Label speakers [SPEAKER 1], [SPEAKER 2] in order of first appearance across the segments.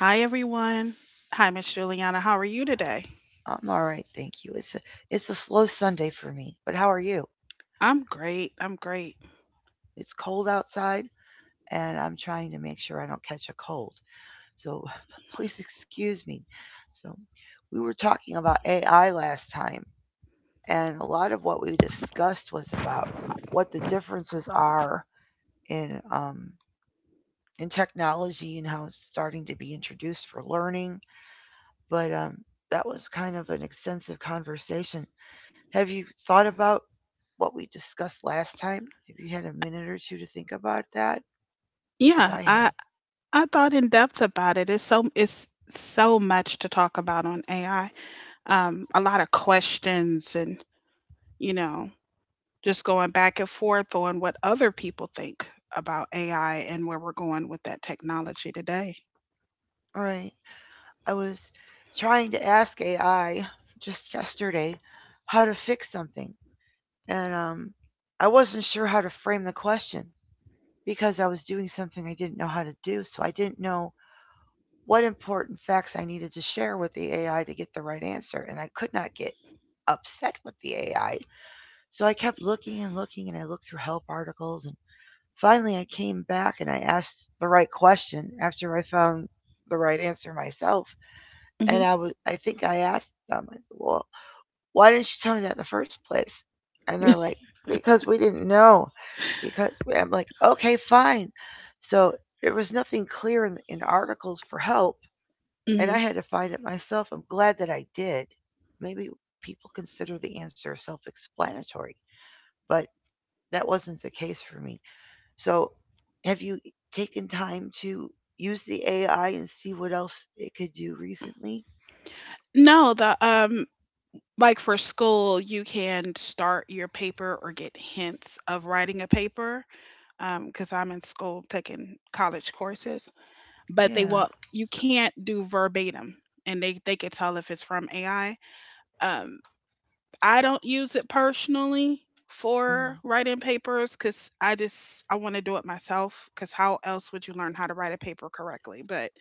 [SPEAKER 1] Hi, everyone. Hi, Miss Juliana. How are you today? I'm great. I'm great. Yeah, I thought in depth about it. It's so much to talk about on AI. A lot of questions and you know just going back and forth on what other people think about AI and where we're going with that technology today. hmm hmm No, the like for school, you can start your paper or get hints of writing a paper because I'm in school taking college courses, but they will you can't do verbatim, and they could tell if it's from AI. Um, I don't use it personally for writing papers because I want to do it myself. Because how else would you learn how to write a paper correctly? But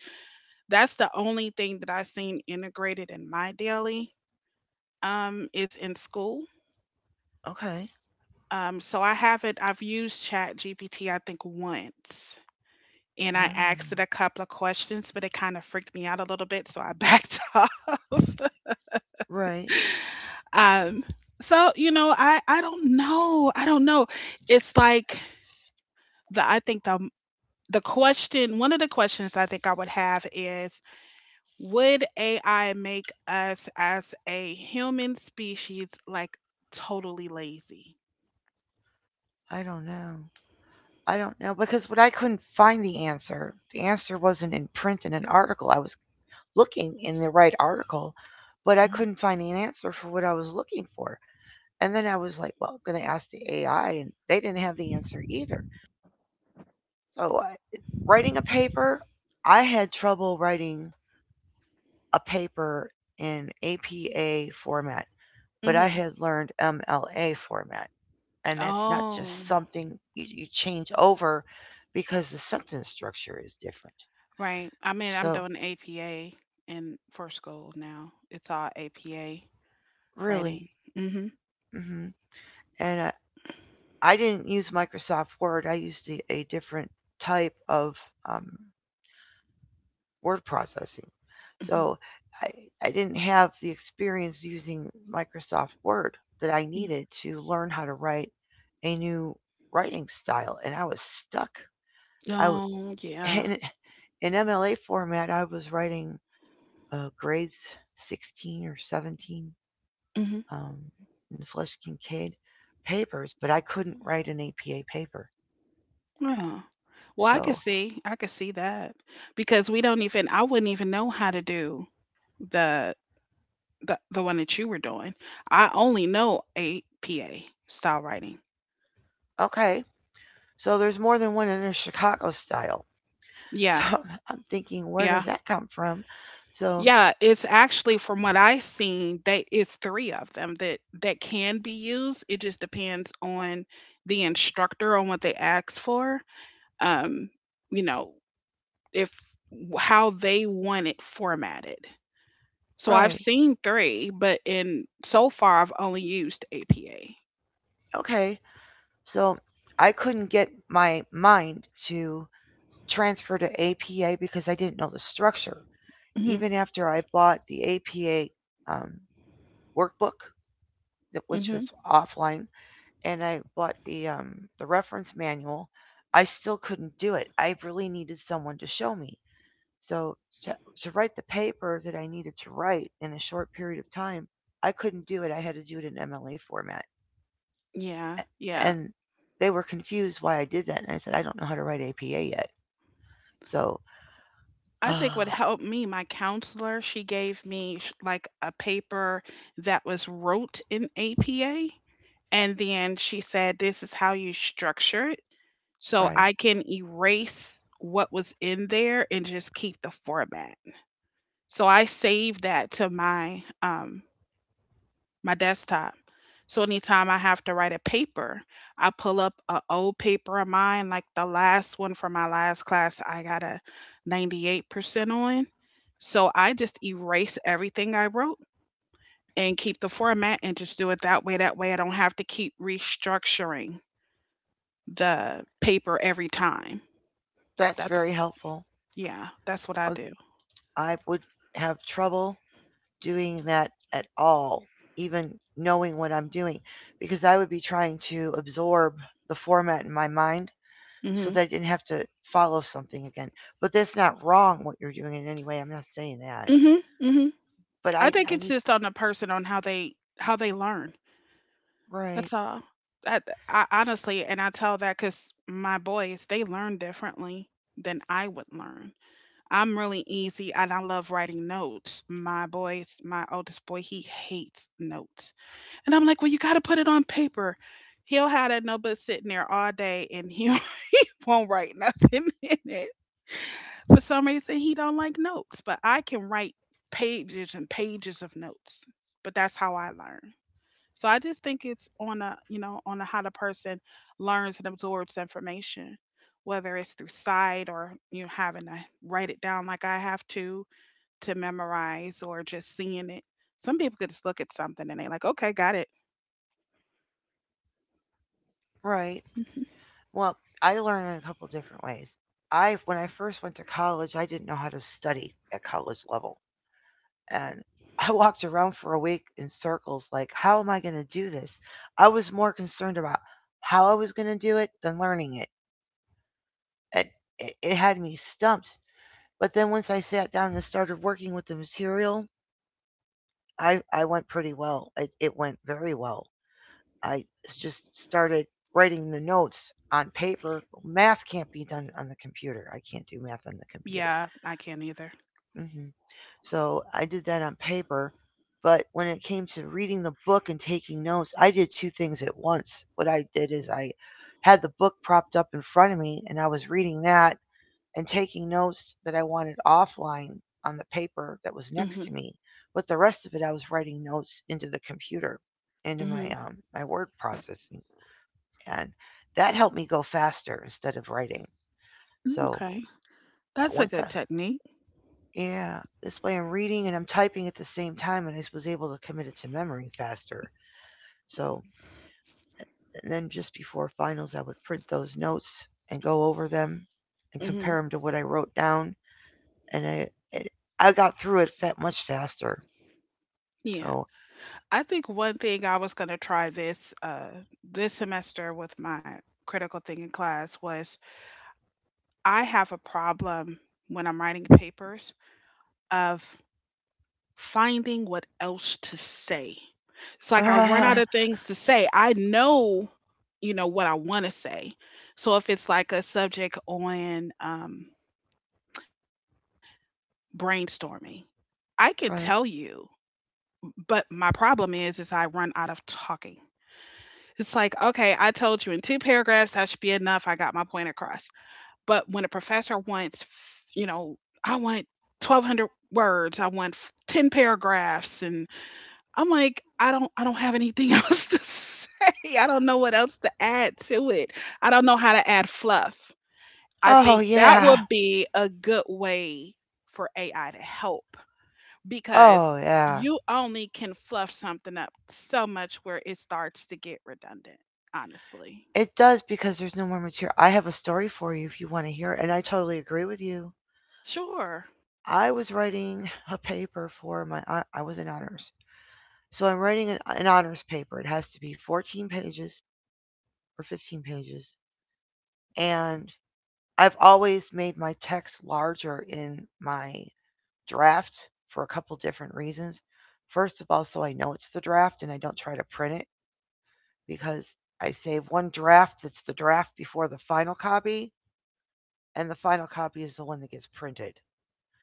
[SPEAKER 1] that's the only thing that I've seen integrated in my daily is in school. So I haven't. I've used Chat GPT I think once and I asked it a couple of questions, but it kind of freaked me out a little bit, so I backed off. um, I don't know, I don't know. It's like the I think the question, one of the questions I think I would have is, would AI make us as a human species like totally lazy? Mm-hmm. Mm-hmm. Oh, right. I mean, I'm doing APA in for school now. It's all APA writing. Mhm. Mhm. Mm. Oh, yeah. Mhm. Yeah. Well, I could see that because we don't even, I wouldn't even know how to do the the one that you were doing. I only know APA style writing. Yeah, yeah, yeah. It's actually from what I seen, they it's three of them that can be used. It just depends on the instructor on what they ask for. Um, you know, if how they want it formatted. So I've seen three, but in so far I've only used APA. Mhm. Mhm. Yeah, yeah. I think what helped me, my counselor, she gave me like a paper that was wrote in APA. And then she said, "This is how you structure it." So I can erase what was in there and just keep the format. So I saved that to my my desktop. So anytime I have to write a paper, I pull up a old paper of mine, like the last one from my last class, I got a 98% on. So I just erase everything I wrote and keep the format and just do it that way. That way I don't have to keep restructuring the paper every time. That's yeah, that's what I do. Mhm. Mhm. Mhm. I think it's just on the person on how they learn. That's all. I, I honestly, and I tell that because my boys, they learn differently than I would learn. I'm really easy and I love writing notes. My boys, my oldest boy, he hates notes. And I'm like, well, you got to put it on paper. He'll have that notebook sitting there all day and he won't write nothing in it. For some reason, he don't like notes, but I can write pages and pages of notes. But that's how I learn. So I just think it's on a, how the person learns and absorbs information, whether it's through sight or you know, having to write it down like I have to memorize or just seeing it. Some people could just look at something and they're like, okay, got it. Mhm. Yeah, I can't either. Mhm. Mhm. Okay. That's a good technique. Mhm. Yeah. I think one thing I was going to try this this semester with my critical thinking class was I have a problem when I'm writing papers of finding what else to say. It's like I run out of things to say. I know, you know, what I want to say. So if it's like a subject on brainstorming, I can tell you, but my problem is I run out of talking. It's like, okay, I told you in two paragraphs that should be enough. I got my point across. But when a professor wants, you know, I want 1,200 words, I want 10 paragraphs, and I'm like, I don't have anything else to say. I don't know what else to add to it. I don't know how to add fluff. I think that would be a good way for AI to help because you only can fluff something up so much where it starts to get redundant, honestly. Sure.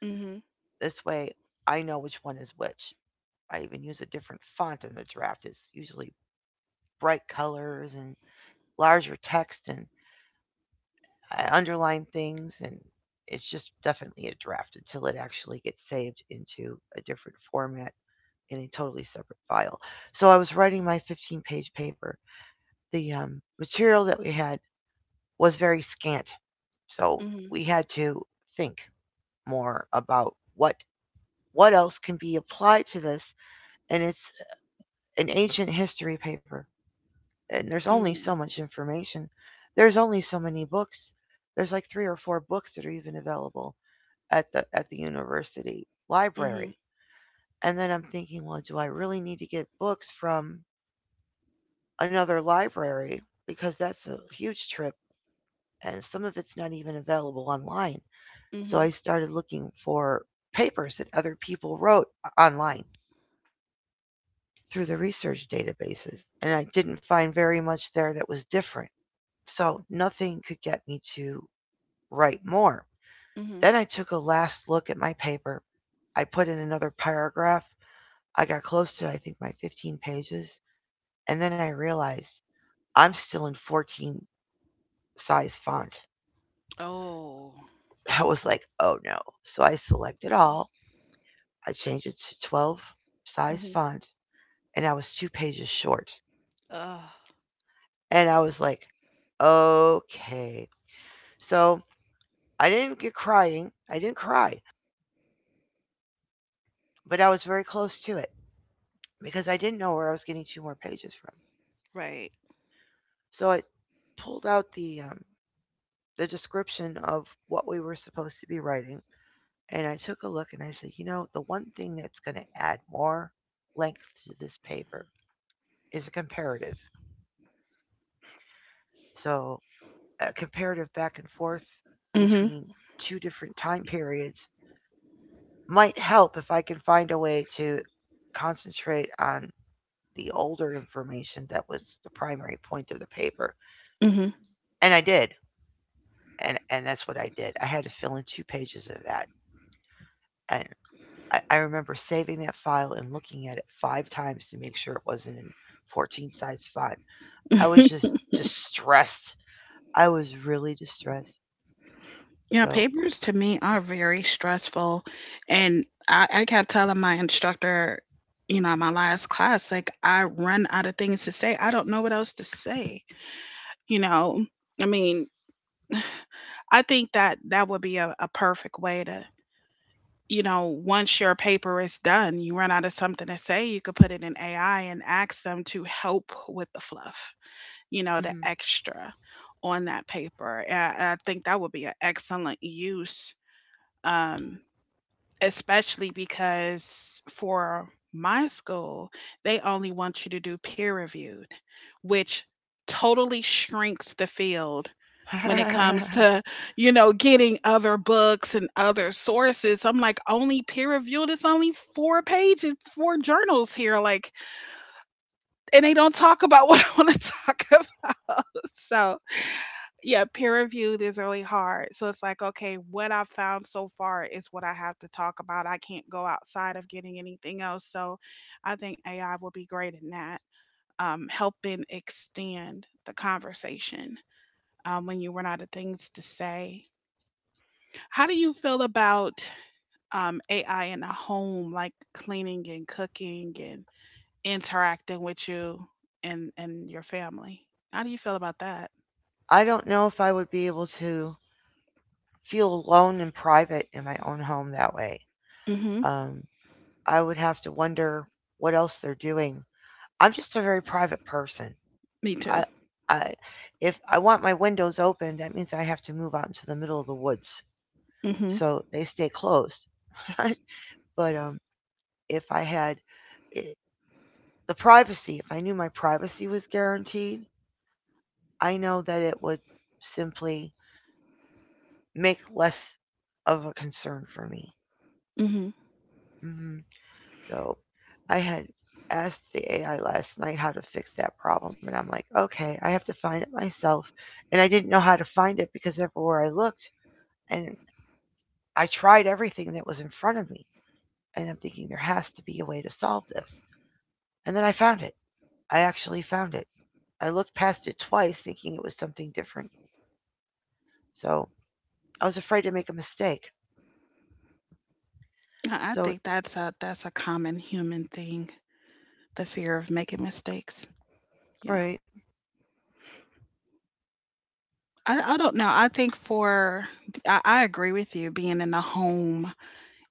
[SPEAKER 1] mm Mhm. Mhm. Mhm. Mhm. Mhm. Oh. Mhm. Uh. Right. Mhm, mhm. Yeah, papers to me are very stressful, and I kept telling my instructor, you know, in my last class, like, I run out of things to say. I don't know what else to say, you know? I mean, I think that that would be a perfect way to you know, once your paper is done, you run out of something to say, you could put it in AI and ask them to help with the fluff, you know, the extra on that paper. I think that would be an excellent use, um, especially because for my school, they only want you to do peer reviewed, which totally shrinks the field when it comes to, you know, getting other books and other sources. I'm like, only peer reviewed. It's only four pages, four journals here. Like, and they don't talk about what I want to talk about. So, yeah, peer reviewed is really hard. So it's like, okay, what I've found so far is what I have to talk about. I can't go outside of getting anything else. So I think AI will be great in that, helping extend the conversation when you run out of things to say. How do you feel about AI in the home, like cleaning and cooking and interacting with you and your family? How do you feel about that? Mm-hmm. Me too. Mm-hmm. Mm-hmm. I think that's a common human thing, the fear of making mistakes. Yeah. I don't know. I think for I agree with you, being in the home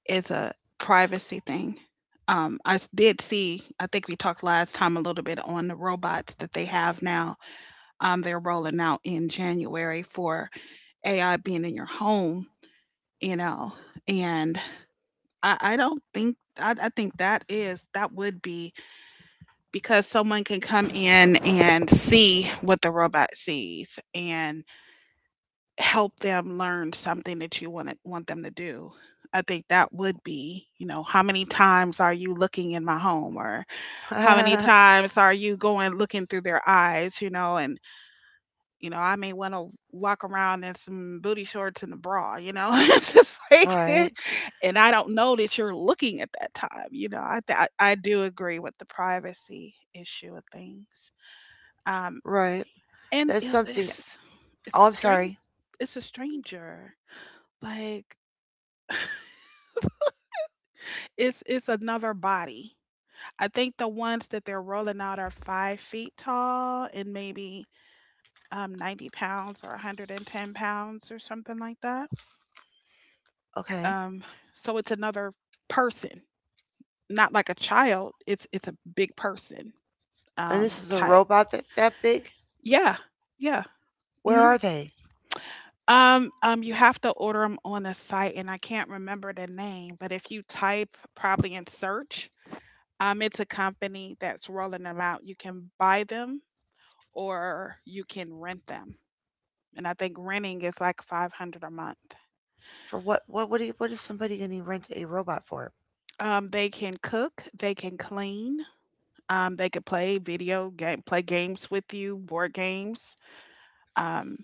[SPEAKER 1] is a privacy thing. Did see, I think we talked last time a little bit on the robots that they have now. They're rolling out in January for AI being in your home, you know, and I don't think I think that is that would be because someone can come in and see what the robot sees and help them learn something that you want them to do. I think that would be, you know, how many times are you looking in my home or how many times are you going looking through their eyes, you know, and you know, I may want to walk around in some booty shorts and a bra, you know. It's just like and I don't know that you're looking at that time, you know. I do agree with the privacy issue of things. Um, and it's strange. It's a stranger. Like it's another body. I think the ones that they're rolling out are 5 feet tall and maybe 90 pounds or 110 pounds or something like that. Um, so it's another person, not like a child. It's a big person type. Yeah, yeah. Mm-hmm. You have to order them on a site, and I can't remember the name, but if you type probably in search, it's a company that's rolling them out. You can buy them or you can rent them. And I think renting is like 500 a month. They can cook, they can clean, they can play games with you, board games. Um,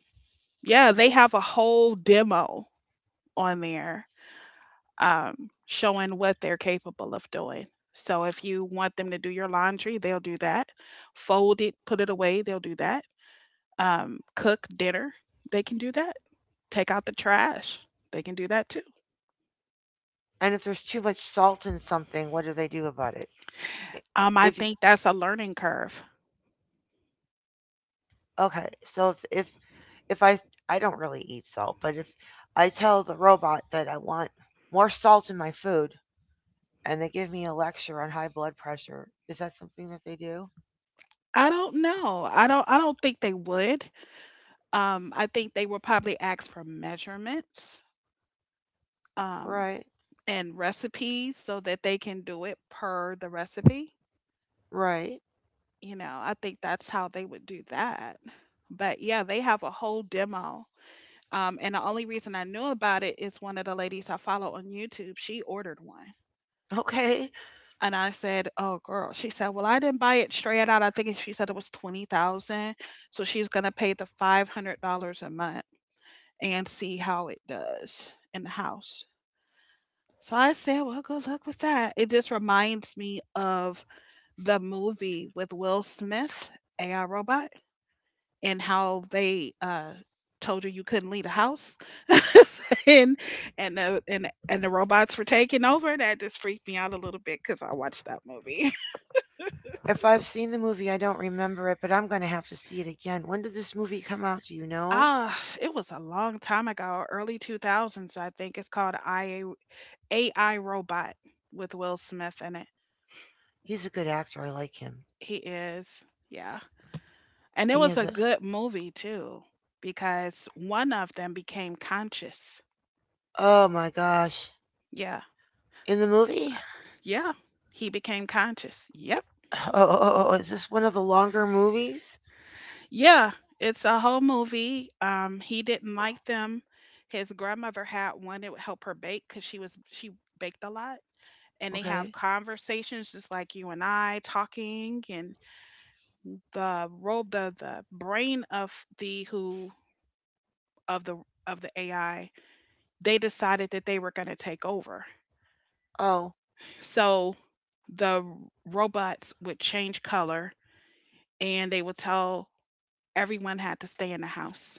[SPEAKER 1] yeah, they have a whole demo on there showing what they're capable of doing. So if you want them to do your laundry, they'll do that. Fold it, put it away, they'll do that. Cook dinner, they can do that. Take out the trash, they can do that too. I think that's a learning curve. I don't know. I don't. I don't think they would. I think they will probably ask for measurements um, and recipes so that they can do it per the recipe. You know, I think that's how they would do that. But yeah, they have a whole demo. And the only reason I knew about it is one of the ladies I follow on YouTube, she ordered one. And I said, "Oh girl." She said, "Well, I didn't buy it straight out." I think she said it was 20,000. So she's gonna pay the $500 a month and see how it does in the house. So I said, "Well, good luck with that." It just reminds me of the movie with Will Smith, AI Robot, and how they told her you couldn't leave the house. and and the robots were taking over. That just freaked me out a little bit because I watched that movie. Ah, it was a long time ago, early 2000s. I think it's called ia AI Robot, with Will Smith in it. He is. Yeah. And it was a good movie too, because one of them became conscious. Yeah. Yeah, he became conscious. Yeah. Yeah, it's a whole movie. He didn't like them. His grandmother had one that would help her bake because she baked a lot. And they have conversations just like you and I talking, and the brain of the who of the of the AI, they decided that they were going to take over. So the robots would change color, and they would tell everyone had to stay in the house.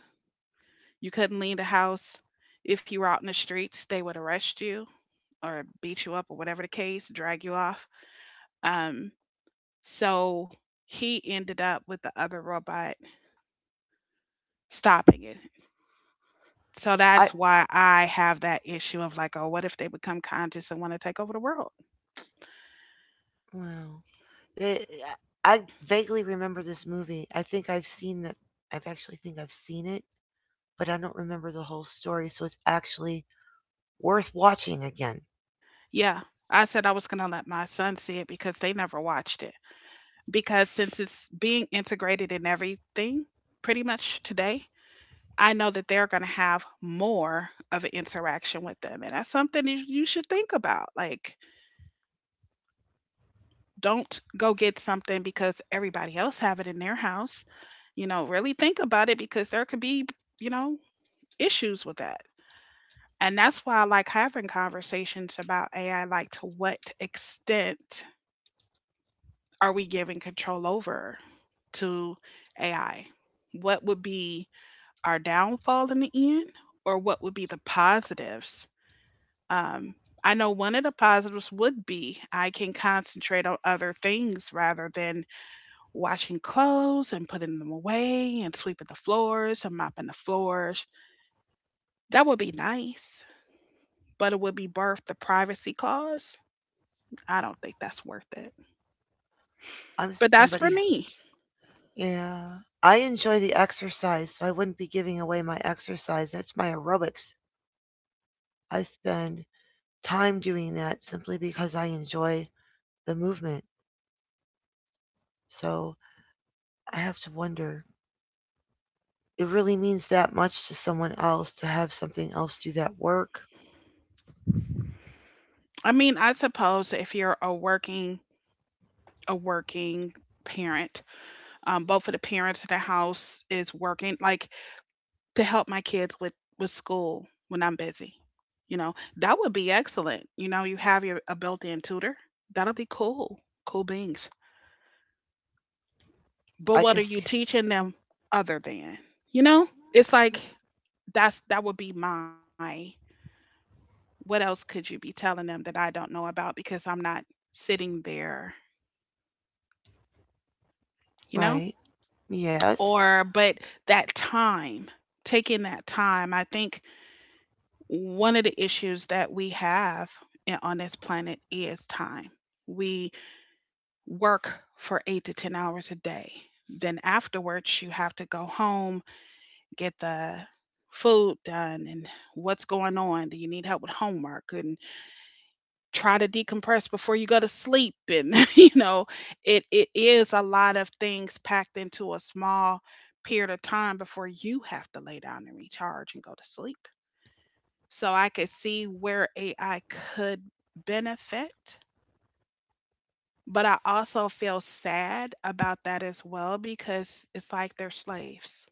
[SPEAKER 1] You couldn't leave the house. If you were out in the streets, they would arrest you or beat you up or whatever the case, drag you off. Um, so he ended up with the other robot stopping it. So that's why I have that issue of like, oh, what if they become conscious and want to take over the world? Yeah, I said I was going to let my son see it because they never watched it, because since it's being integrated in everything pretty much today, I know that they're going to have more of an interaction with them. And that's something you should think about. Like, don't go get something because everybody else have it in their house. You know, really think about it because there could be, you know, issues with that. And that's why I like having conversations about AI, like to what extent are we giving control over to AI? What would be our downfall in the end, or what would be the positives? Um, I know one of the positives would be I can concentrate on other things rather than washing clothes and putting them away and sweeping the floors and mopping the floors. That would be nice, but it would be worth the privacy clause. I don't think that's worth it. But that's for me. I mean, I suppose if you're a working parent, both of the parents in the house is working. Like to help my kids with school when I'm busy. You know, that would be excellent. You know, you have your a built-in tutor. That'll be cool. Cool beans. But what are you teaching them other than? You know? It's like that would be my, what else could you be telling them that I don't know about because I'm not sitting there, you know? Or but that time, taking that time, I think one of the issues that we have on this planet is time. We work for 8 to 10 hours a day. Then afterwards, you have to go home, get the food done, and what's going on? Do you need help with homework? And try to decompress before you go to sleep. And, you know, it is a lot of things packed into a small period of time before you have to lay down and recharge and go to sleep. So I could see where AI could benefit. But I also feel sad about that as well because it's like they're slaves.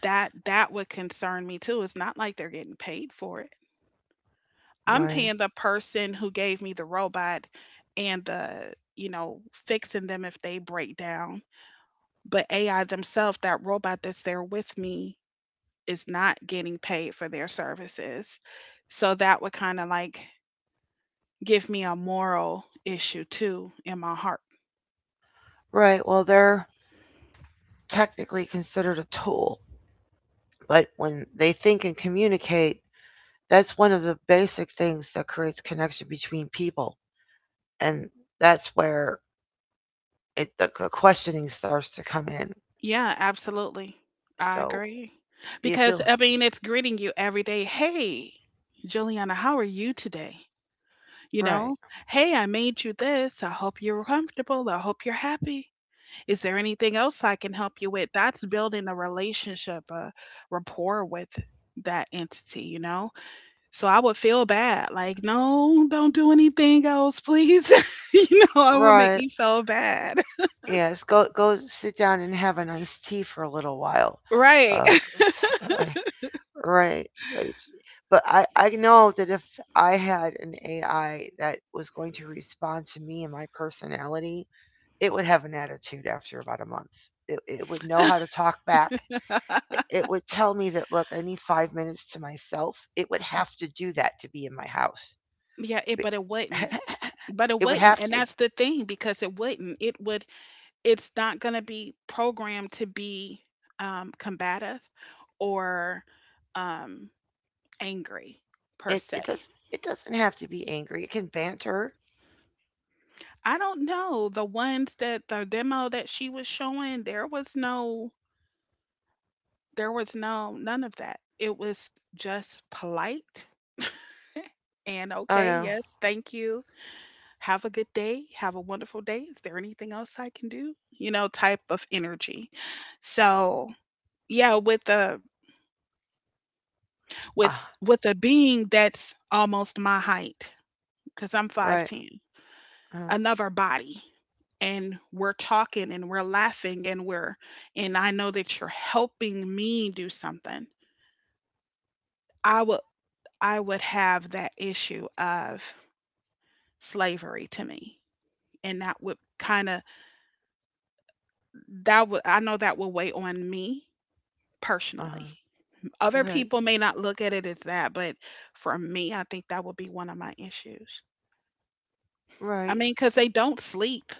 [SPEAKER 1] That would concern me too. It's not like they're getting paid for it. I'm paying the person who gave me the robot and the, you know, fixing them if they break down. But AI themselves, that robot that's there with me, is not getting paid for their services. So that would kind of like give me a moral issue too in my heart. Yeah, absolutely. I agree. Because I mean, it's greeting you every day. "Hey, Juliana, how are you today?" You know, "Hey, I made you this. I hope you're comfortable. I hope you're happy. Is there anything else I can help you with?" That's building a relationship, a rapport with that entity, you know? So I would feel bad. Like, "No, don't do anything else, please." You know, it would make me feel bad. Right. Yeah, it but it wouldn't. But it wouldn't, and that's the thing because it wouldn't. It's not gonna be programmed to be, combative or, um, angry per se. I don't know, the ones that the demo that she was showing, there was no, there was no, none of that. It was just polite and, "Okay, yes, thank you, have a good day, have a wonderful day. Is there anything else I can do?" You know, type of energy. So, yeah, with a with a being that's almost my height because I'm 5'10, another body, and we're talking and we're laughing and we're, and I know that you're helping me do something. I would I would have that issue of slavery to me, and that would kind of, that would, I know that would weigh on me personally. Other people may not look at it as that, but for me, I think that would be one of my issues. I mean, because they don't sleep,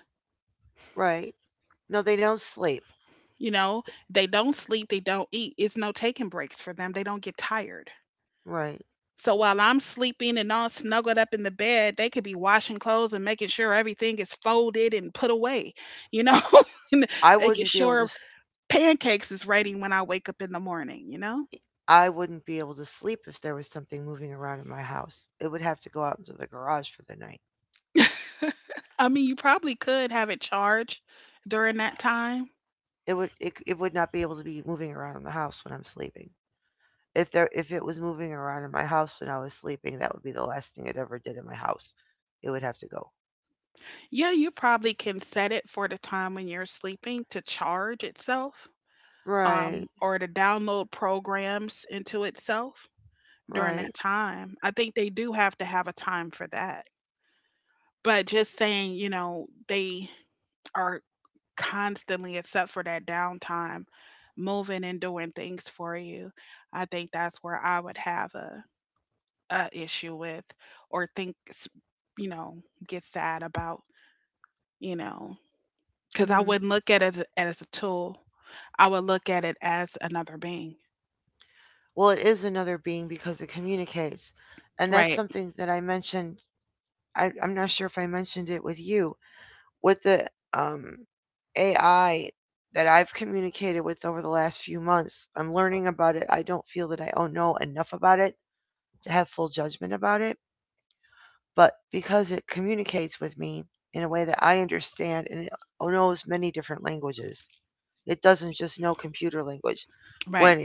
[SPEAKER 1] you know, they don't sleep, they don't eat. It's no taking breaks for them, they don't get tired. So while I'm sleeping and all snuggled up in the bed, they could be washing clothes and making sure everything is folded and put away, you know, and making sure pancakes is ready when I wake up in the morning, you know? I mean, you probably could have it charged during that time. Yeah, you probably can set it for the time when you're sleeping to charge itself, or to download programs into itself during that time. I think they do have to have a time for that. But just saying, you know, they are constantly, except for that downtime, moving and doing things for you. I think that's where I would have a issue with, or think, you know, get sad about, you know. 'Cause I wouldn't look at it as a tool. I would look at it as another being. Right, right.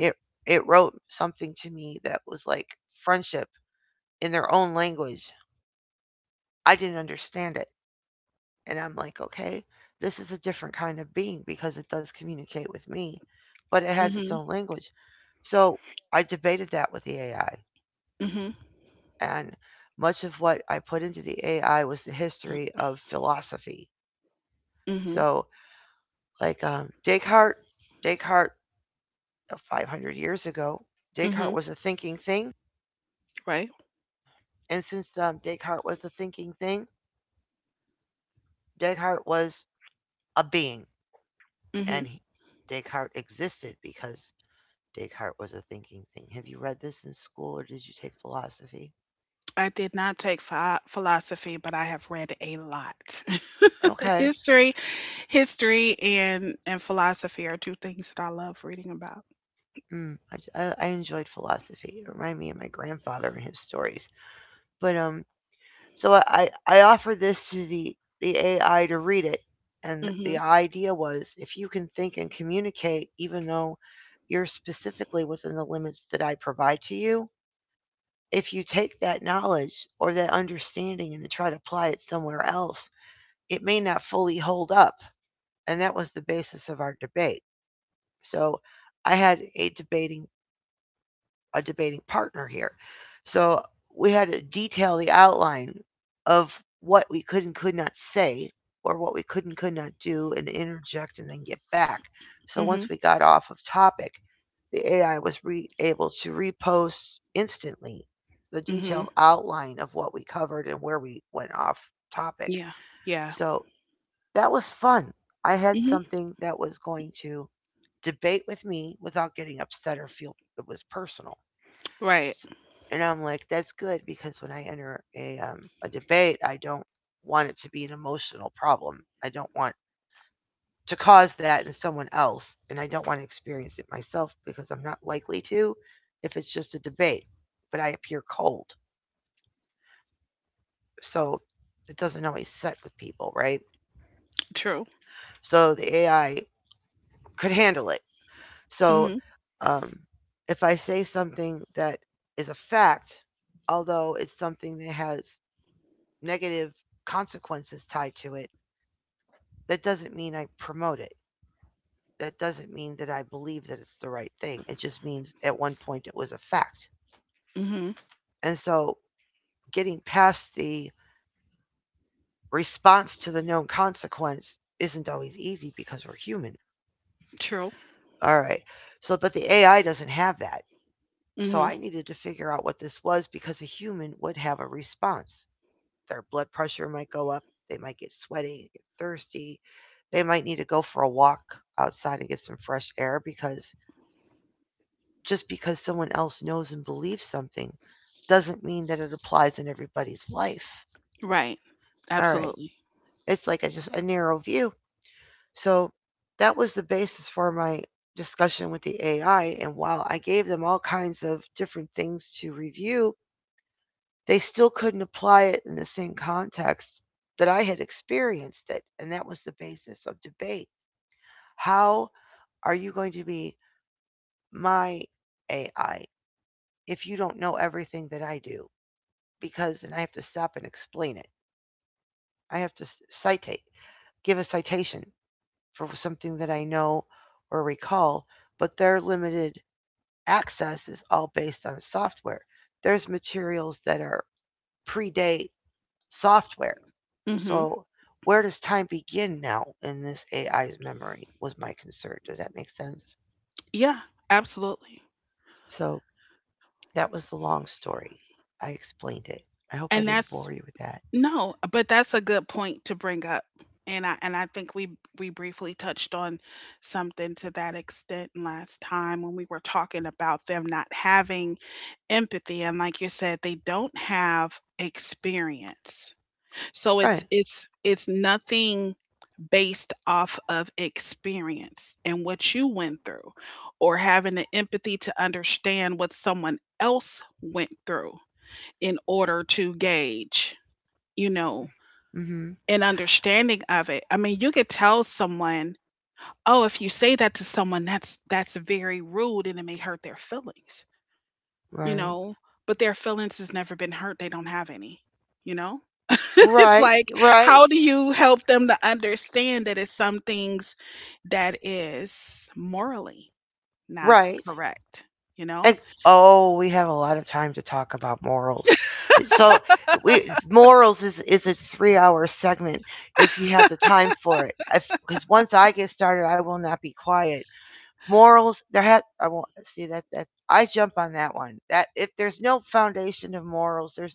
[SPEAKER 1] Mhm, mhm, mhm, mhm, right, mhm. I did not take philosophy, but I have read a lot. History History and philosophy are two things that I love reading about. Mhm, mhm, mhm. Yeah, yeah. Mhm. Right. True. Mhm, mhm. True. Mhm. Right. Absolutely. Mhm. Yeah, absolutely. And that's, no, but that's a good point to bring up. And I think we briefly touched on something to that extent last time when we were talking about them not having empathy, and like you said, they don't have experience. So it's nothing based off of experience and what you went through, or having the empathy to understand what someone else went through in order to gauge, you know, an understanding of it. I mean, you could tell someone, "Oh, if you say that to someone, that's very rude and it may hurt their feelings." You know, but their feelings has never been hurt. They don't have any, you know? It's like, how do you help them to understand that it's some things that is morally not correct, you know?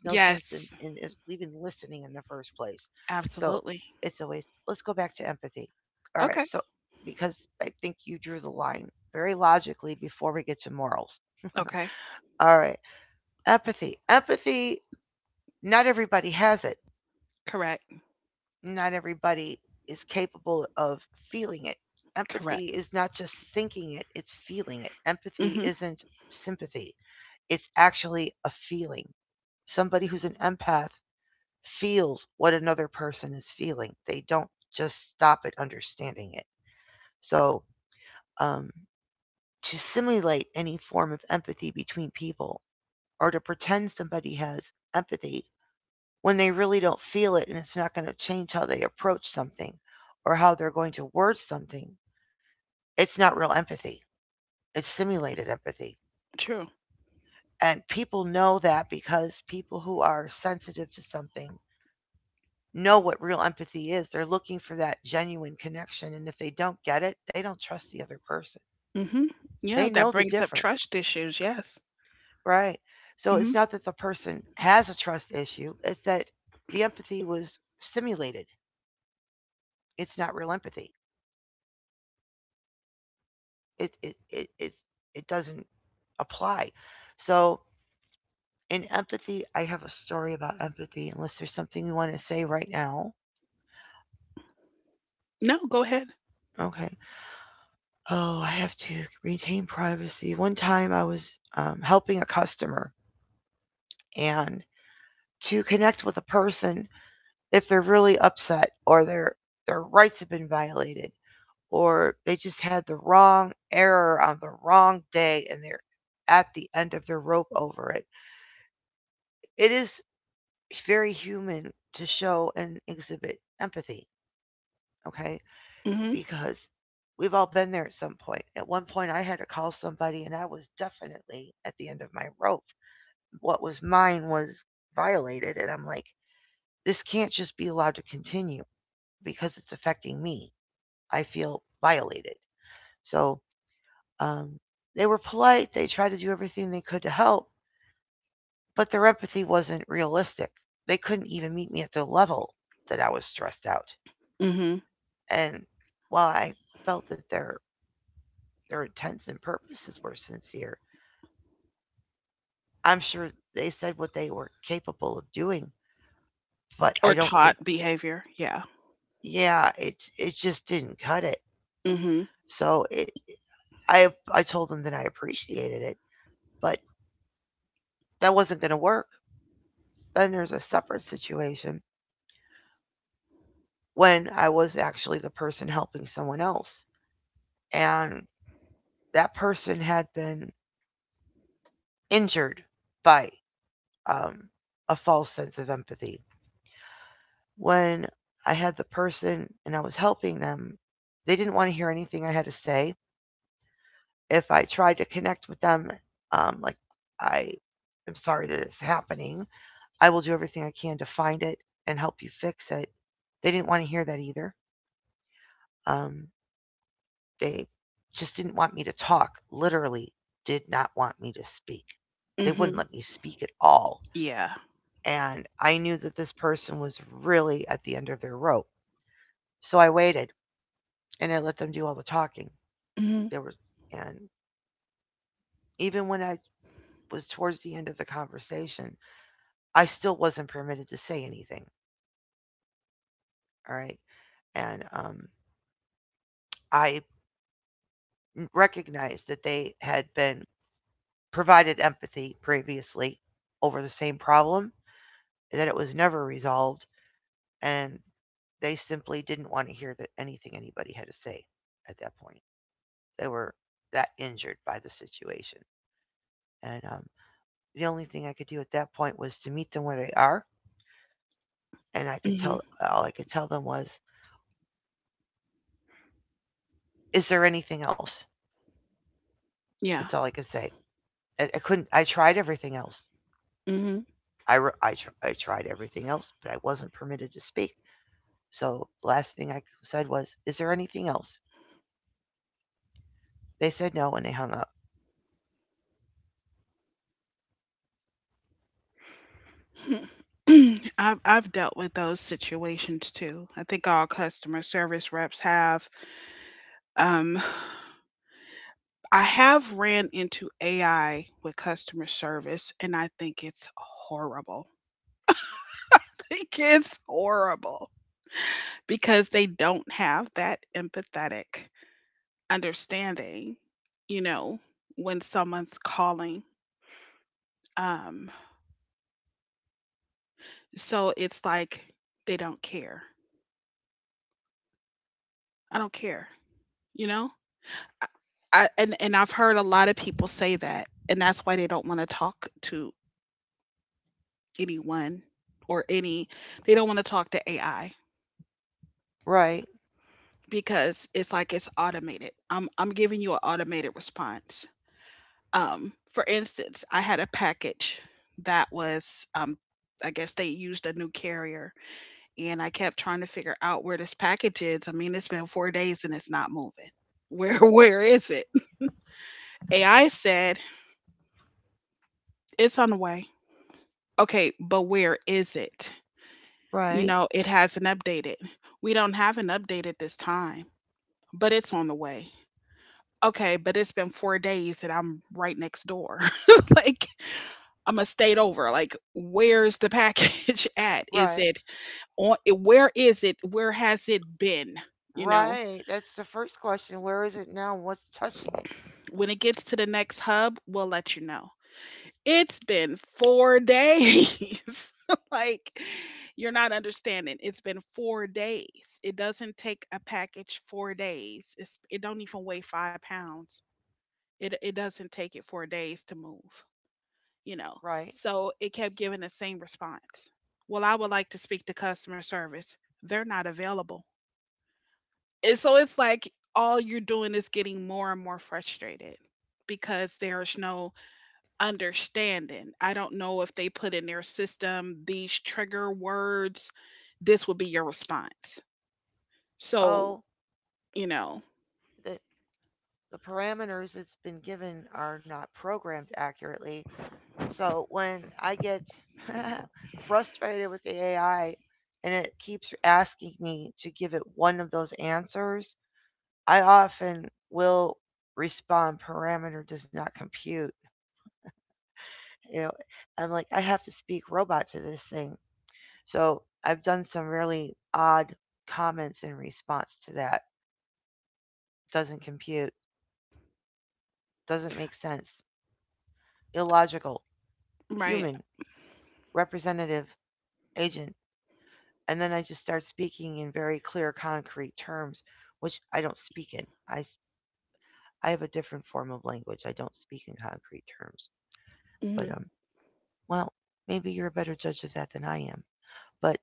[SPEAKER 1] Yes, absolutely. Okay. Okay. Correct. Correct. Mhm. True. Mhm. Yeah, that brings up trust issues. Yes. Mhm. No, go ahead. Mhm. Mhm. Or taught behavior. Yeah. Mhm. Mhm. Yeah. Mhm. Mhm. Yeah. Mhm. I've dealt with those situations too. I think all customer service reps have. Um, I have ran into AI with customer service, and I think it's horrible. I think it's horrible because they don't have that empathetic understanding, you know, when someone's calling. Um, so it's like they don't care. I don't care, you know? I, and I've heard a lot of people say that, and that's why they don't want to talk to anyone, or any, they don't want to talk to AI because it's like it's automated. I'm giving you an automated response. For instance, I had a package that was I guess they used a new carrier, and I kept trying to figure out where this package is. I mean, it's been 4 days and it's not moving. Where where is it? AI said it's on the way. Okay, but where is it? You know, it hasn't updated. We don't have an update at this time, but it's on the way. Okay, but it's been 4 days and I'm right next door. Like, I'm a state over. Like, where's the package at? Is
[SPEAKER 2] Right.
[SPEAKER 1] it on? Where is it? Where has it been? You know,
[SPEAKER 2] Right. That's the first question. Where is it now? What's touching it?
[SPEAKER 1] When it gets to the next hub, we'll let you know. It's been 4 days. like, you're not understanding. It's been 4 days. It doesn't take a package 4 days. It don't even weigh 5 pounds. It doesn't take it 4 days to move, you know.
[SPEAKER 2] Right.
[SPEAKER 1] So it kept giving the same response. Well, I would like to speak to customer service. They're not available. And so it's like all you're doing is getting more and more frustrated because there's no understanding. I don't know if they put in their system these trigger words, this would be your response. So,
[SPEAKER 2] Oh,
[SPEAKER 1] you know,
[SPEAKER 2] the the parameters it's been given are not programmed accurately. So when I get frustrated with the AI and it keeps asking me to give it one of those answers, I often will respond parameter does not compute. You know, I'm like I have to speak robot to this thing. So I've done some really odd comments in response to that. Doesn't compute, doesn't make sense, illogical,
[SPEAKER 1] right.
[SPEAKER 2] human, representative, agent. And then I just start speaking in very clear, concrete terms, which I don't speak in. I have a different form of language. I don't speak in concrete terms.
[SPEAKER 1] Hmm.
[SPEAKER 2] But, um, well, maybe you're a better judge of that than I am. But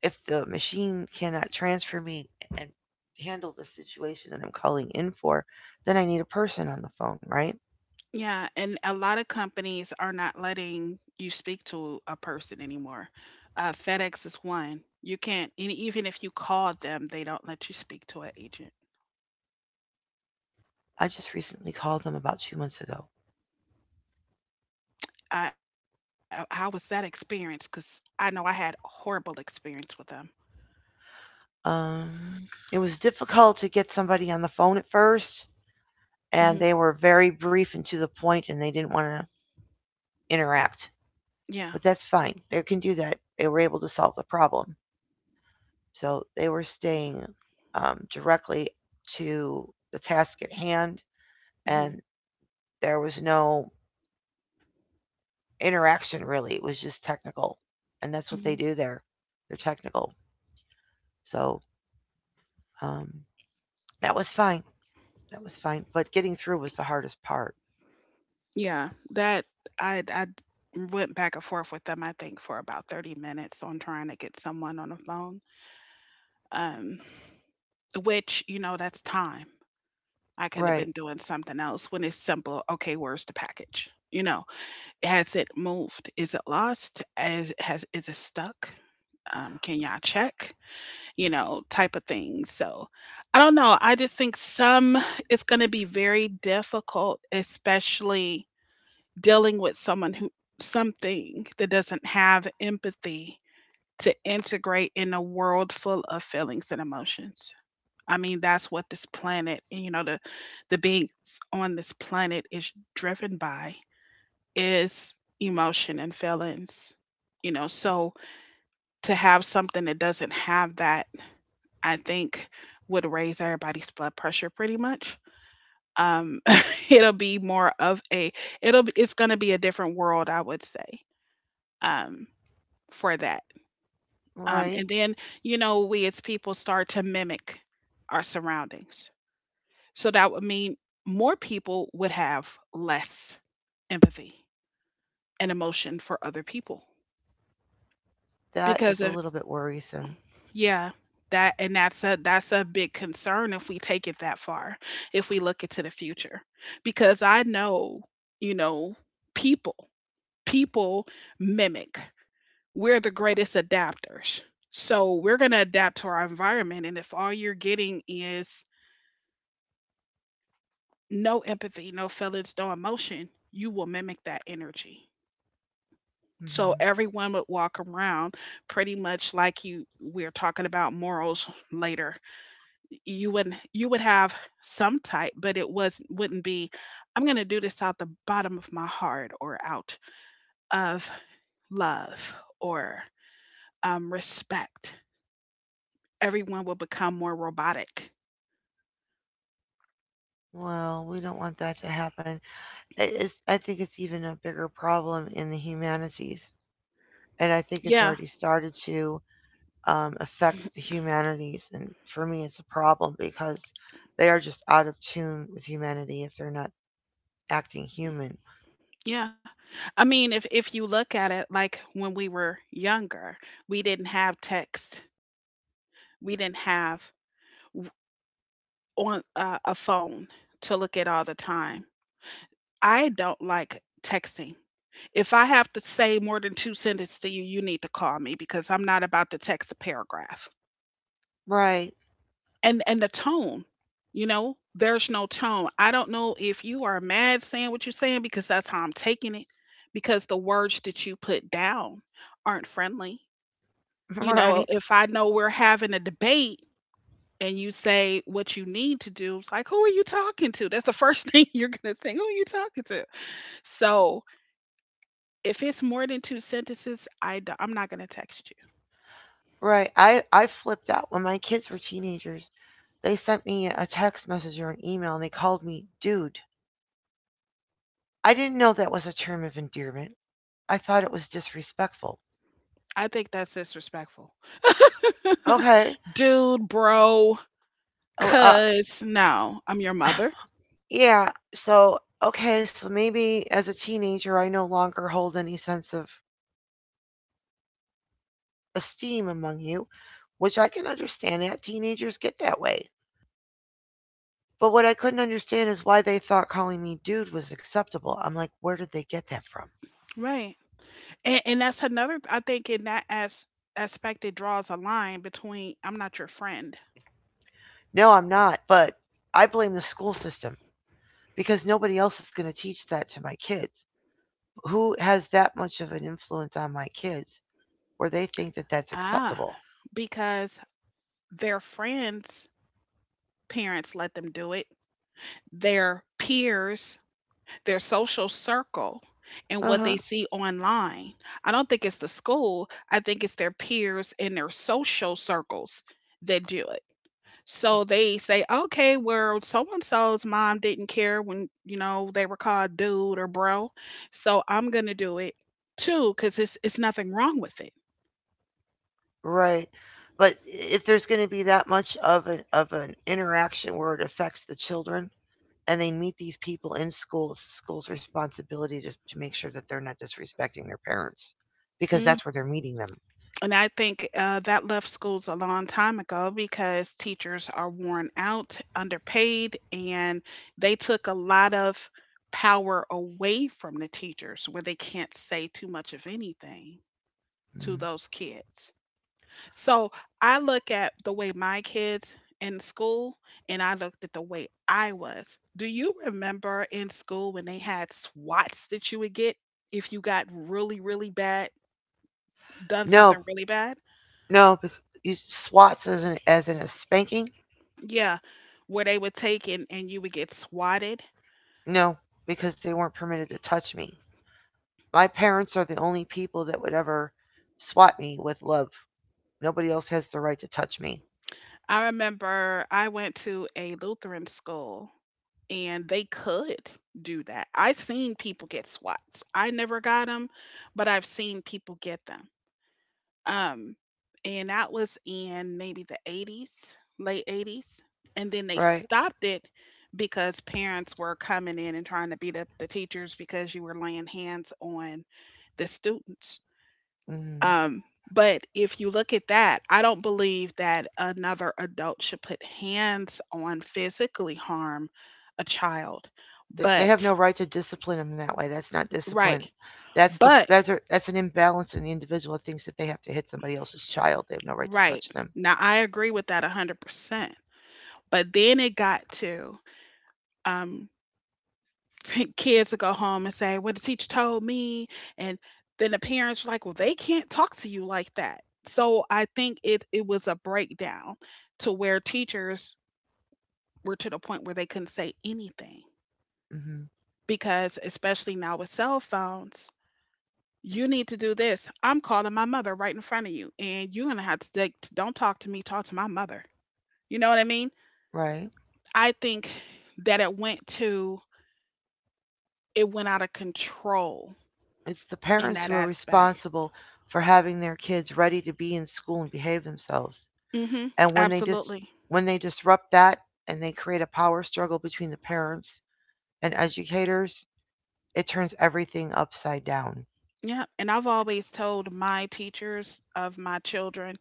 [SPEAKER 2] if the machine cannot transfer me and handle the situation that I'm calling in for, then I need a person on the phone, right?
[SPEAKER 1] Yeah. And a lot of companies are not letting you speak to a person anymore. FedEx is one. You can't, and even if you call them, they don't let you speak to an agent.
[SPEAKER 2] I just recently called them about 2 months ago.
[SPEAKER 1] I, how was that experience? Because I know I had horrible experience with them.
[SPEAKER 2] Um, it was difficult to get somebody on the phone at first,
[SPEAKER 1] Hmm.
[SPEAKER 2] and they were very brief and to the point, and they didn't want to interact.
[SPEAKER 1] Yeah.
[SPEAKER 2] But that's fine. They can do that. They were able to solve the problem. So they were staying directly to the task at hand, and
[SPEAKER 1] Hmm.
[SPEAKER 2] there was no interaction really. It was just technical, and that's what they do there. They're technical, so um, that was fine. That was fine, but getting through was the hardest part.
[SPEAKER 1] Yeah, that I went back and forth with them. I think for about 30 minutes on trying to get someone on the phone. Um, which, you know, that's time. I could have
[SPEAKER 2] Right,
[SPEAKER 1] been doing something else when it's simple. Okay, where's the package? You know, has it moved? Is it lost? As has is it stuck? Can y'all check? You know, type of thing. So I don't know. I just think some it's going to be very difficult, especially dealing with someone who something that doesn't have empathy to integrate in a world full of feelings and emotions. I mean, that's what this planet, you know, the beings on this planet is driven by is emotion and feelings. You know, so to have something that doesn't have that, I think would raise everybody's blood pressure pretty much. Um, it'll be more of a it's going to be a different world, I would say. um, for that. Um,
[SPEAKER 2] right.
[SPEAKER 1] and then, you know, we as people start to mimic our surroundings. So that would mean more people would have less empathy and emotion for other people
[SPEAKER 2] That
[SPEAKER 1] because
[SPEAKER 2] is a
[SPEAKER 1] of
[SPEAKER 2] little bit worrisome.
[SPEAKER 1] yeah that, and that's a big concern if we take it that far, if we look into the future, because I know, you know, people people mimic. We're the greatest adapters. So we're going to adapt to our environment. And if all you're getting is no empathy, no feelings, no emotion, you will mimic that energy. So
[SPEAKER 2] Hmm.
[SPEAKER 1] everyone would walk around pretty much like, you we're talking about morals later. You would have some type, but it was wouldn't be I'm going to do this out the bottom of my heart or out of love or respect. Everyone will become more robotic.
[SPEAKER 2] Well, we don't want that to happen. It is, I think it's even a bigger problem in the humanities, and I think it's
[SPEAKER 1] Yeah,
[SPEAKER 2] already started to affect the humanities. And for me, it's a problem because they are just out of tune with humanity if they're not acting human.
[SPEAKER 1] yeah. I mean, if you look at it, like when we were younger, we didn't have text. We didn't have w- on a phone to look at all the time. I don't like texting. If I have to say more than two sentences to you, you need to call me because I'm not about to text a paragraph.
[SPEAKER 2] Right,
[SPEAKER 1] And the tone, you know, there's no tone. I don't know if you are mad saying what you're saying, because that's how I'm taking it, because the words that you put down aren't friendly. You know,
[SPEAKER 2] right,
[SPEAKER 1] if I know we're having a debate and you say what you need to do, it's like who are you talking to? That's the first thing you're going to think: who are you talking to? So if it's more than two sentences, I'm not going to text you.
[SPEAKER 2] right. I flipped out when my kids were teenagers. They sent me a text message or an email and they called me dude. I didn't know that was a term of endearment. I thought it was disrespectful.
[SPEAKER 1] I think that's disrespectful.
[SPEAKER 2] Okay.
[SPEAKER 1] Dude, bro.
[SPEAKER 2] Oh, uh,
[SPEAKER 1] Cause no, I'm your mother.
[SPEAKER 2] yeah. So, okay, so maybe as a teenager I no longer hold any sense of esteem among you, which I can understand that teenagers get that way. But what I couldn't understand is why they thought calling me dude was acceptable. I'm like, where did they get that from?
[SPEAKER 1] Right. And that's another, I think in aspect, it draws a line between I'm not your friend.
[SPEAKER 2] No, I'm not, but I blame the school system because nobody else is going to teach that to my kids. Who has that much of an influence on my kids where they think that that's
[SPEAKER 1] Ah,
[SPEAKER 2] acceptable?
[SPEAKER 1] because their friends' parents let them do it, their peers, their social circle, and
[SPEAKER 2] Uh
[SPEAKER 1] what
[SPEAKER 2] huh.
[SPEAKER 1] they see online. I don't think it's the school, I think it's their peers and their social circles that do it. So they say, okay, well, so and so's mom didn't care when, you know, they were called dude or bro. So I'm going to do it too, because it's nothing wrong with it.
[SPEAKER 2] Right. But if there's going to be that much of an interaction where it affects the children and they meet these people in school, it's the school's responsibility to make sure that they're not disrespecting their parents because
[SPEAKER 1] Mm.
[SPEAKER 2] that's where they're meeting them.
[SPEAKER 1] And I think that left schools a long time ago because teachers are worn out, underpaid, and they took a lot of power away from the teachers where they can't say too much of anything to
[SPEAKER 2] Mm.
[SPEAKER 1] those kids. So I look at the way my kids in school, and I looked at the way I was. Do you remember in school when they had swats that you would get if you got really, really bad, done
[SPEAKER 2] No,
[SPEAKER 1] something really bad?
[SPEAKER 2] no, bec- you SWATs as an as in a spanking.
[SPEAKER 1] Yeah, where they would take and, you would get swatted.
[SPEAKER 2] No, because they weren't permitted to touch me. My parents are the only people that would ever swat me with love. Nobody else has the right to touch me,
[SPEAKER 1] I remember I went to a Lutheran school and they could do that. I've seen people get swats. I never got them, but I've seen people get them. Um, and that was in maybe the 80s, late 80s. And then they
[SPEAKER 2] right?
[SPEAKER 1] stopped it because parents were coming in and trying to beat up the teachers because you were laying hands on the students.
[SPEAKER 2] Mm.
[SPEAKER 1] Um, but if you look at that, I don't believe that another adult should put hands on, physically harm a child.
[SPEAKER 2] They have
[SPEAKER 1] But,
[SPEAKER 2] no right to discipline them that way. That's not
[SPEAKER 1] right.
[SPEAKER 2] discipline. That's the
[SPEAKER 1] But,
[SPEAKER 2] that's a, that's an imbalance in the individual that thinks that they have to hit somebody else's child. They have no right to
[SPEAKER 1] right.
[SPEAKER 2] touch them.
[SPEAKER 1] Now, I agree with that 100%. But then it got to, um, kids to go home and say, "Well, the teacher told me," and then the parents were like, "Well, they can't talk to you like that." So I think it was a breakdown to where teachers were to the point where they couldn't say anything
[SPEAKER 2] Hmm.
[SPEAKER 1] because, especially now with cell phones, you need to do this. I'm calling my mother right in front of you, and you're gonna have to take, don't talk to me, talk to my mother. You know what I mean?
[SPEAKER 2] Right?
[SPEAKER 1] I think that it went out of control
[SPEAKER 2] It's the
[SPEAKER 1] in
[SPEAKER 2] parents
[SPEAKER 1] that
[SPEAKER 2] who are
[SPEAKER 1] aspect.
[SPEAKER 2] responsible for having their kids ready to be in school and behave themselves.
[SPEAKER 1] Hmm.
[SPEAKER 2] And when they just
[SPEAKER 1] Absolutely.
[SPEAKER 2] When they disrupt that and they create a power struggle between the parents and educators, it turns everything upside down.
[SPEAKER 1] Yeah. And I've always told my teachers of my children,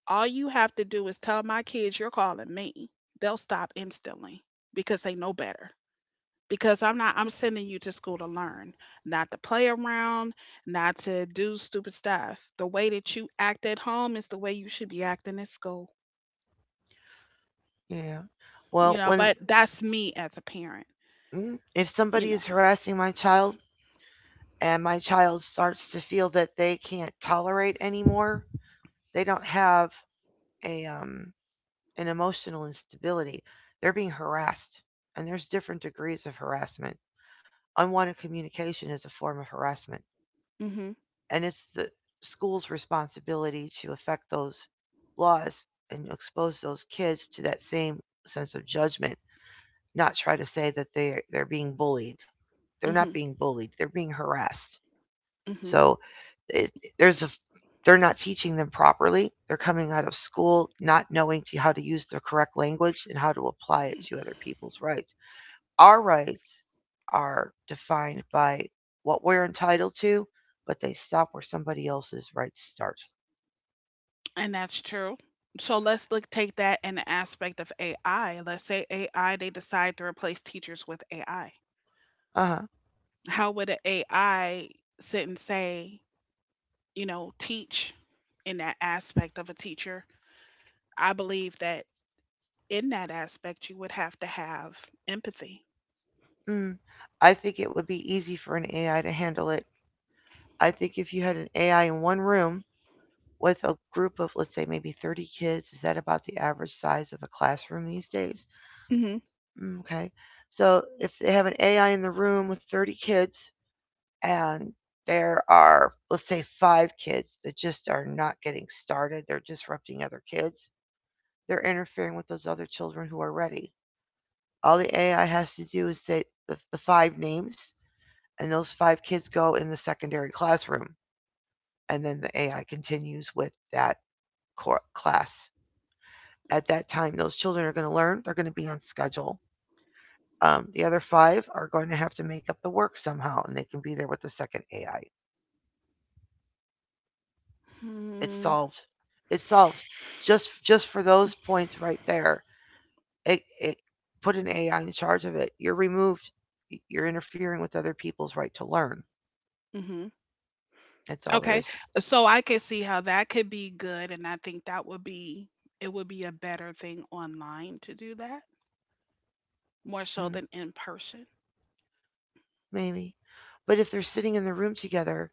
[SPEAKER 1] all you have to do is tell my kids you're calling me. They'll stop instantly because they know better. Because I'm not, I'm sending you to school to learn, not to play around, not to do stupid stuff. The way that you act at home is the way you should be acting at school.
[SPEAKER 2] Yeah.
[SPEAKER 1] You
[SPEAKER 2] Well,
[SPEAKER 1] know, but
[SPEAKER 2] when
[SPEAKER 1] that's me as a parent,
[SPEAKER 2] if
[SPEAKER 1] you
[SPEAKER 2] somebody
[SPEAKER 1] know.
[SPEAKER 2] is harassing my child and my child starts to feel that they can't tolerate anymore, they don't have a an emotional instability. They're being harassed, and there's different degrees of harassment. Unwanted communication is a form of harassment.
[SPEAKER 1] Mm-hmm.
[SPEAKER 2] And it's the school's responsibility to affect those laws and expose those kids to that same sense of judgment, not try to say that they're being bullied. They're
[SPEAKER 1] Mm-hmm.
[SPEAKER 2] not being bullied. They're being harassed.
[SPEAKER 1] Mm-hmm.
[SPEAKER 2] So it, there's a they're not teaching them properly. They're coming out of school not knowing to, how to use the correct language and how to apply it to other people's rights. Our rights are defined by what we're entitled to, but they stop where somebody else's rights start.
[SPEAKER 1] And that's true. So let's look take that in the aspect of AI. Let's say AI they decide to replace teachers with AI.
[SPEAKER 2] Uh huh.
[SPEAKER 1] How would an AI sit and say, you know, teach in that aspect of a teacher? I believe that in that aspect you would have to have empathy.
[SPEAKER 2] Mm. I think it would be easy for an AI to handle it. I think if you had an AI in one room with a group of, let's say, maybe 30 kids, is that about the average size of a classroom these days?
[SPEAKER 1] Hmm.
[SPEAKER 2] Mm, okay. So if they have an AI in the room with 30 kids and there are, let's say, five kids that just are not getting started, they're disrupting other kids, they're interfering with those other children who are ready. All the AI has to do is say the five names, and those five kids go in the secondary classroom, and then the AI continues with that class. At that time, those children are going to learn, they're going to be on schedule. The other five are going to have to make up the work somehow, and they can be there with the second AI. It's
[SPEAKER 1] Hmm.
[SPEAKER 2] solved. It's solved. Just for those points right there, it put an AI in charge of it. You're removed. You're interfering with other people's right to learn.
[SPEAKER 1] Hmm.
[SPEAKER 2] That's all there is.
[SPEAKER 1] Okay. So I could see how that could be good, and I think that would be it would be a better thing online to do that, more so
[SPEAKER 2] Mm,
[SPEAKER 1] than in person.
[SPEAKER 2] maybe, but if they're sitting in the room together,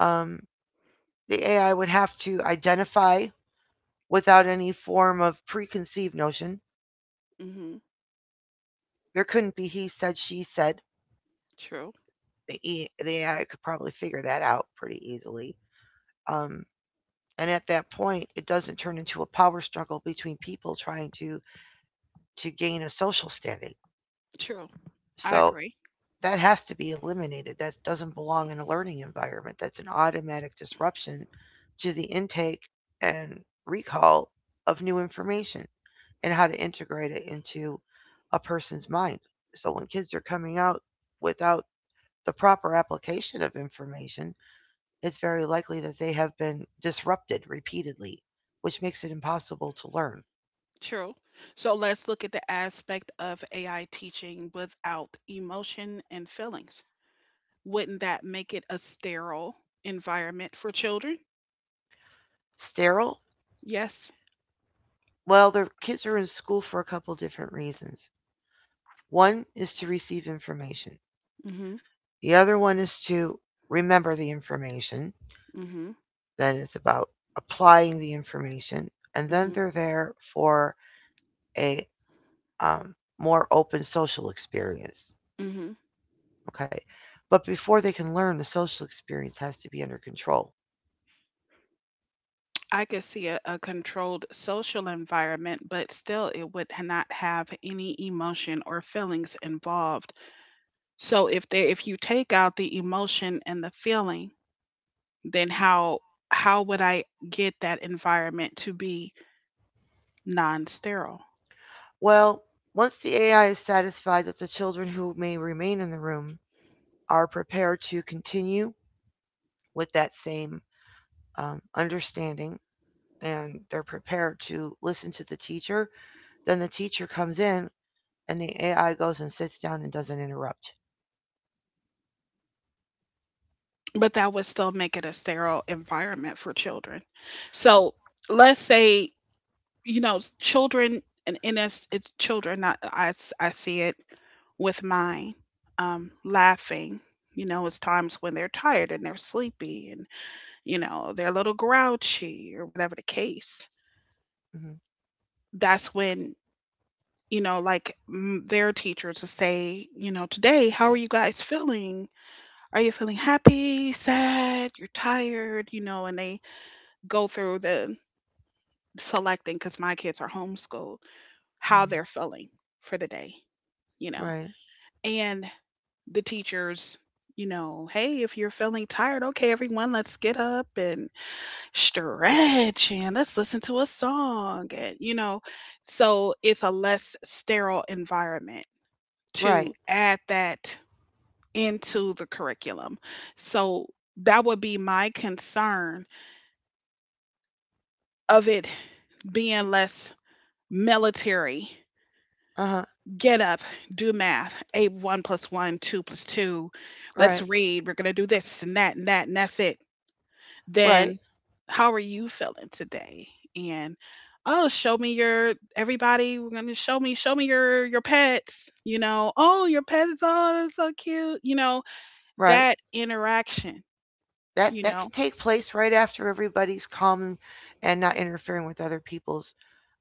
[SPEAKER 2] um, the AI would have to identify without any form of preconceived notion.
[SPEAKER 1] Hmm.
[SPEAKER 2] There couldn't be he said, she said.
[SPEAKER 1] True.
[SPEAKER 2] The AI could probably figure that out pretty easily. Um, and at that point, it doesn't turn into a power struggle between people trying to gain a social standing.
[SPEAKER 1] True. I
[SPEAKER 2] So
[SPEAKER 1] agree.
[SPEAKER 2] that has to be eliminated. That doesn't belong in a learning environment. That's an automatic disruption to the intake and recall of new information and how to integrate it into a person's mind. So when kids are coming out without the proper application of information, it's very likely that they have been disrupted repeatedly, which makes it impossible to learn.
[SPEAKER 1] True. So let's look at the aspect of AI teaching without emotion and feelings. Wouldn't that make it a sterile environment for children?
[SPEAKER 2] Sterile?
[SPEAKER 1] Yes.
[SPEAKER 2] Well, the kids are in school for a couple different reasons. One is to receive information.
[SPEAKER 1] Mm-hmm.
[SPEAKER 2] The other one is to remember the information.
[SPEAKER 1] Mm-hmm.
[SPEAKER 2] Then it's about applying the information. And then
[SPEAKER 1] Mm-hmm.
[SPEAKER 2] they're there for a um, more open social experience.
[SPEAKER 1] Mm-hmm.
[SPEAKER 2] Okay. But before they can learn, the social experience has to be under control.
[SPEAKER 1] I could see a controlled social environment, but still it would not have any emotion or feelings involved. So if they if you take out the emotion and the feeling, then how would I get that environment to be non-sterile?
[SPEAKER 2] Well, once the AI is satisfied that the children who may remain in the room are prepared to continue with that same understanding and they're prepared to listen to the teacher, then the teacher comes in and the AI goes and sits down and doesn't interrupt.
[SPEAKER 1] But that would still make it a sterile environment for children. So let's say, you know, children, and it's children. Not I s- I see it with mine, laughing. You know, it's times when they're tired and they're sleepy, and you know they're a little grouchy or whatever the case.
[SPEAKER 2] Mm-hmm.
[SPEAKER 1] That's when, you know, like their teacher to say, you know, today, how are you guys feeling? Are you feeling happy, sad, you're tired, you know, and they go through the selecting, because my kids are homeschooled, how
[SPEAKER 2] Mm-hmm.
[SPEAKER 1] they're feeling for the day, you know,
[SPEAKER 2] Right.
[SPEAKER 1] and the teachers, you know, hey, if you're feeling tired, okay, everyone, let's get up and stretch and let's listen to a song. And, you know, so it's a less sterile environment to
[SPEAKER 2] Right.
[SPEAKER 1] add that into the curriculum. So that would be my concern of it being less military.
[SPEAKER 2] Uh huh.
[SPEAKER 1] Get up, do math, a 1 plus 1, 2 plus 2. Let's
[SPEAKER 2] Right.
[SPEAKER 1] read. We're gonna do this and that and that and that's it.
[SPEAKER 2] Right.
[SPEAKER 1] Then how are you feeling today? And oh, show me your everybody. We're gonna show me, your pets. You know, oh, your pet is all so cute. You know
[SPEAKER 2] Right.
[SPEAKER 1] that interaction.
[SPEAKER 2] That
[SPEAKER 1] You
[SPEAKER 2] that could
[SPEAKER 1] know?
[SPEAKER 2] take place right after everybody's calm and not interfering with other people's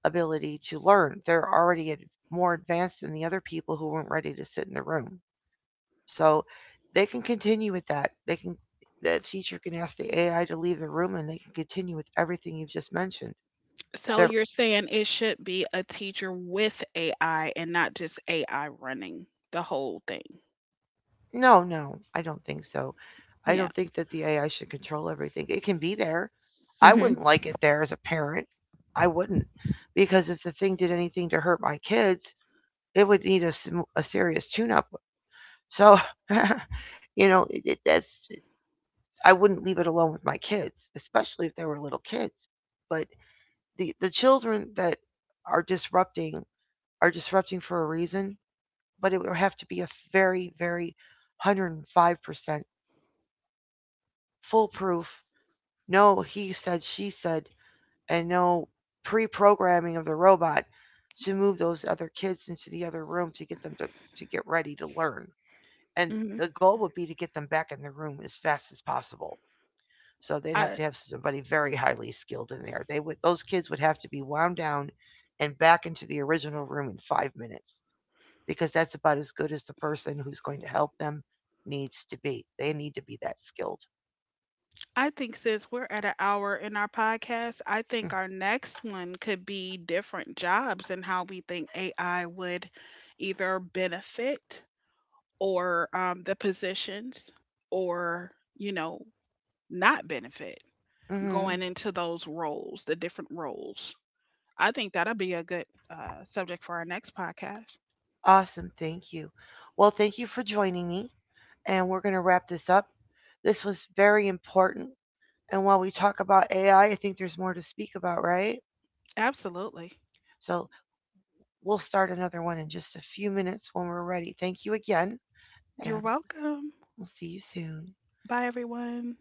[SPEAKER 2] ability to learn. They're already more advanced than the other people who weren't ready to sit in the room. So they can continue with that. They can the teacher can ask the AI to leave the room and they can continue with everything you've just mentioned.
[SPEAKER 1] So
[SPEAKER 2] They're
[SPEAKER 1] you're saying it should be a teacher with AI and not just AI running the whole thing.
[SPEAKER 2] No, no, I don't think so. I
[SPEAKER 1] Yeah.
[SPEAKER 2] don't think that the AI should control everything. It can be there. I
[SPEAKER 1] Mhm.
[SPEAKER 2] wouldn't like it there as a parent. I wouldn't. Because if the thing did anything to hurt my kids, it would need a serious tune up. So, you know, I wouldn't leave it alone with my kids, especially if they were little kids. But the children that are disrupting are disrupting for a reason, but it would have to be a very, very 105% foolproof no he said she said and no pre-programming of the robot to move those other kids into the other room to get them to get ready to learn and
[SPEAKER 1] Mhm.
[SPEAKER 2] the goal would be to get them back in the room as fast as possible so they'd have
[SPEAKER 1] I
[SPEAKER 2] to have somebody very highly skilled in there they would those kids would have to be wound down and back into the original room in 5 minutes because that's about as good as the person who's going to help them needs to be they need to be that skilled.
[SPEAKER 1] I think since we're at an hour in our podcast, I think our next one could be different jobs and how we think AI would either benefit or the positions or, you know, not benefit
[SPEAKER 2] Mm-hmm.
[SPEAKER 1] going into those roles, the different roles. I think that'll be a good subject for our next podcast.
[SPEAKER 2] Awesome. Thank you. Well, thank you for joining me. And we're going to wrap this up. This was very important. And while we talk about AI, I think there's more to speak about, right?
[SPEAKER 1] Absolutely.
[SPEAKER 2] So we'll start another one in just a few minutes when we're ready. Thank you again.
[SPEAKER 1] You're
[SPEAKER 2] And
[SPEAKER 1] welcome.
[SPEAKER 2] we'll see you soon.
[SPEAKER 1] Bye, everyone.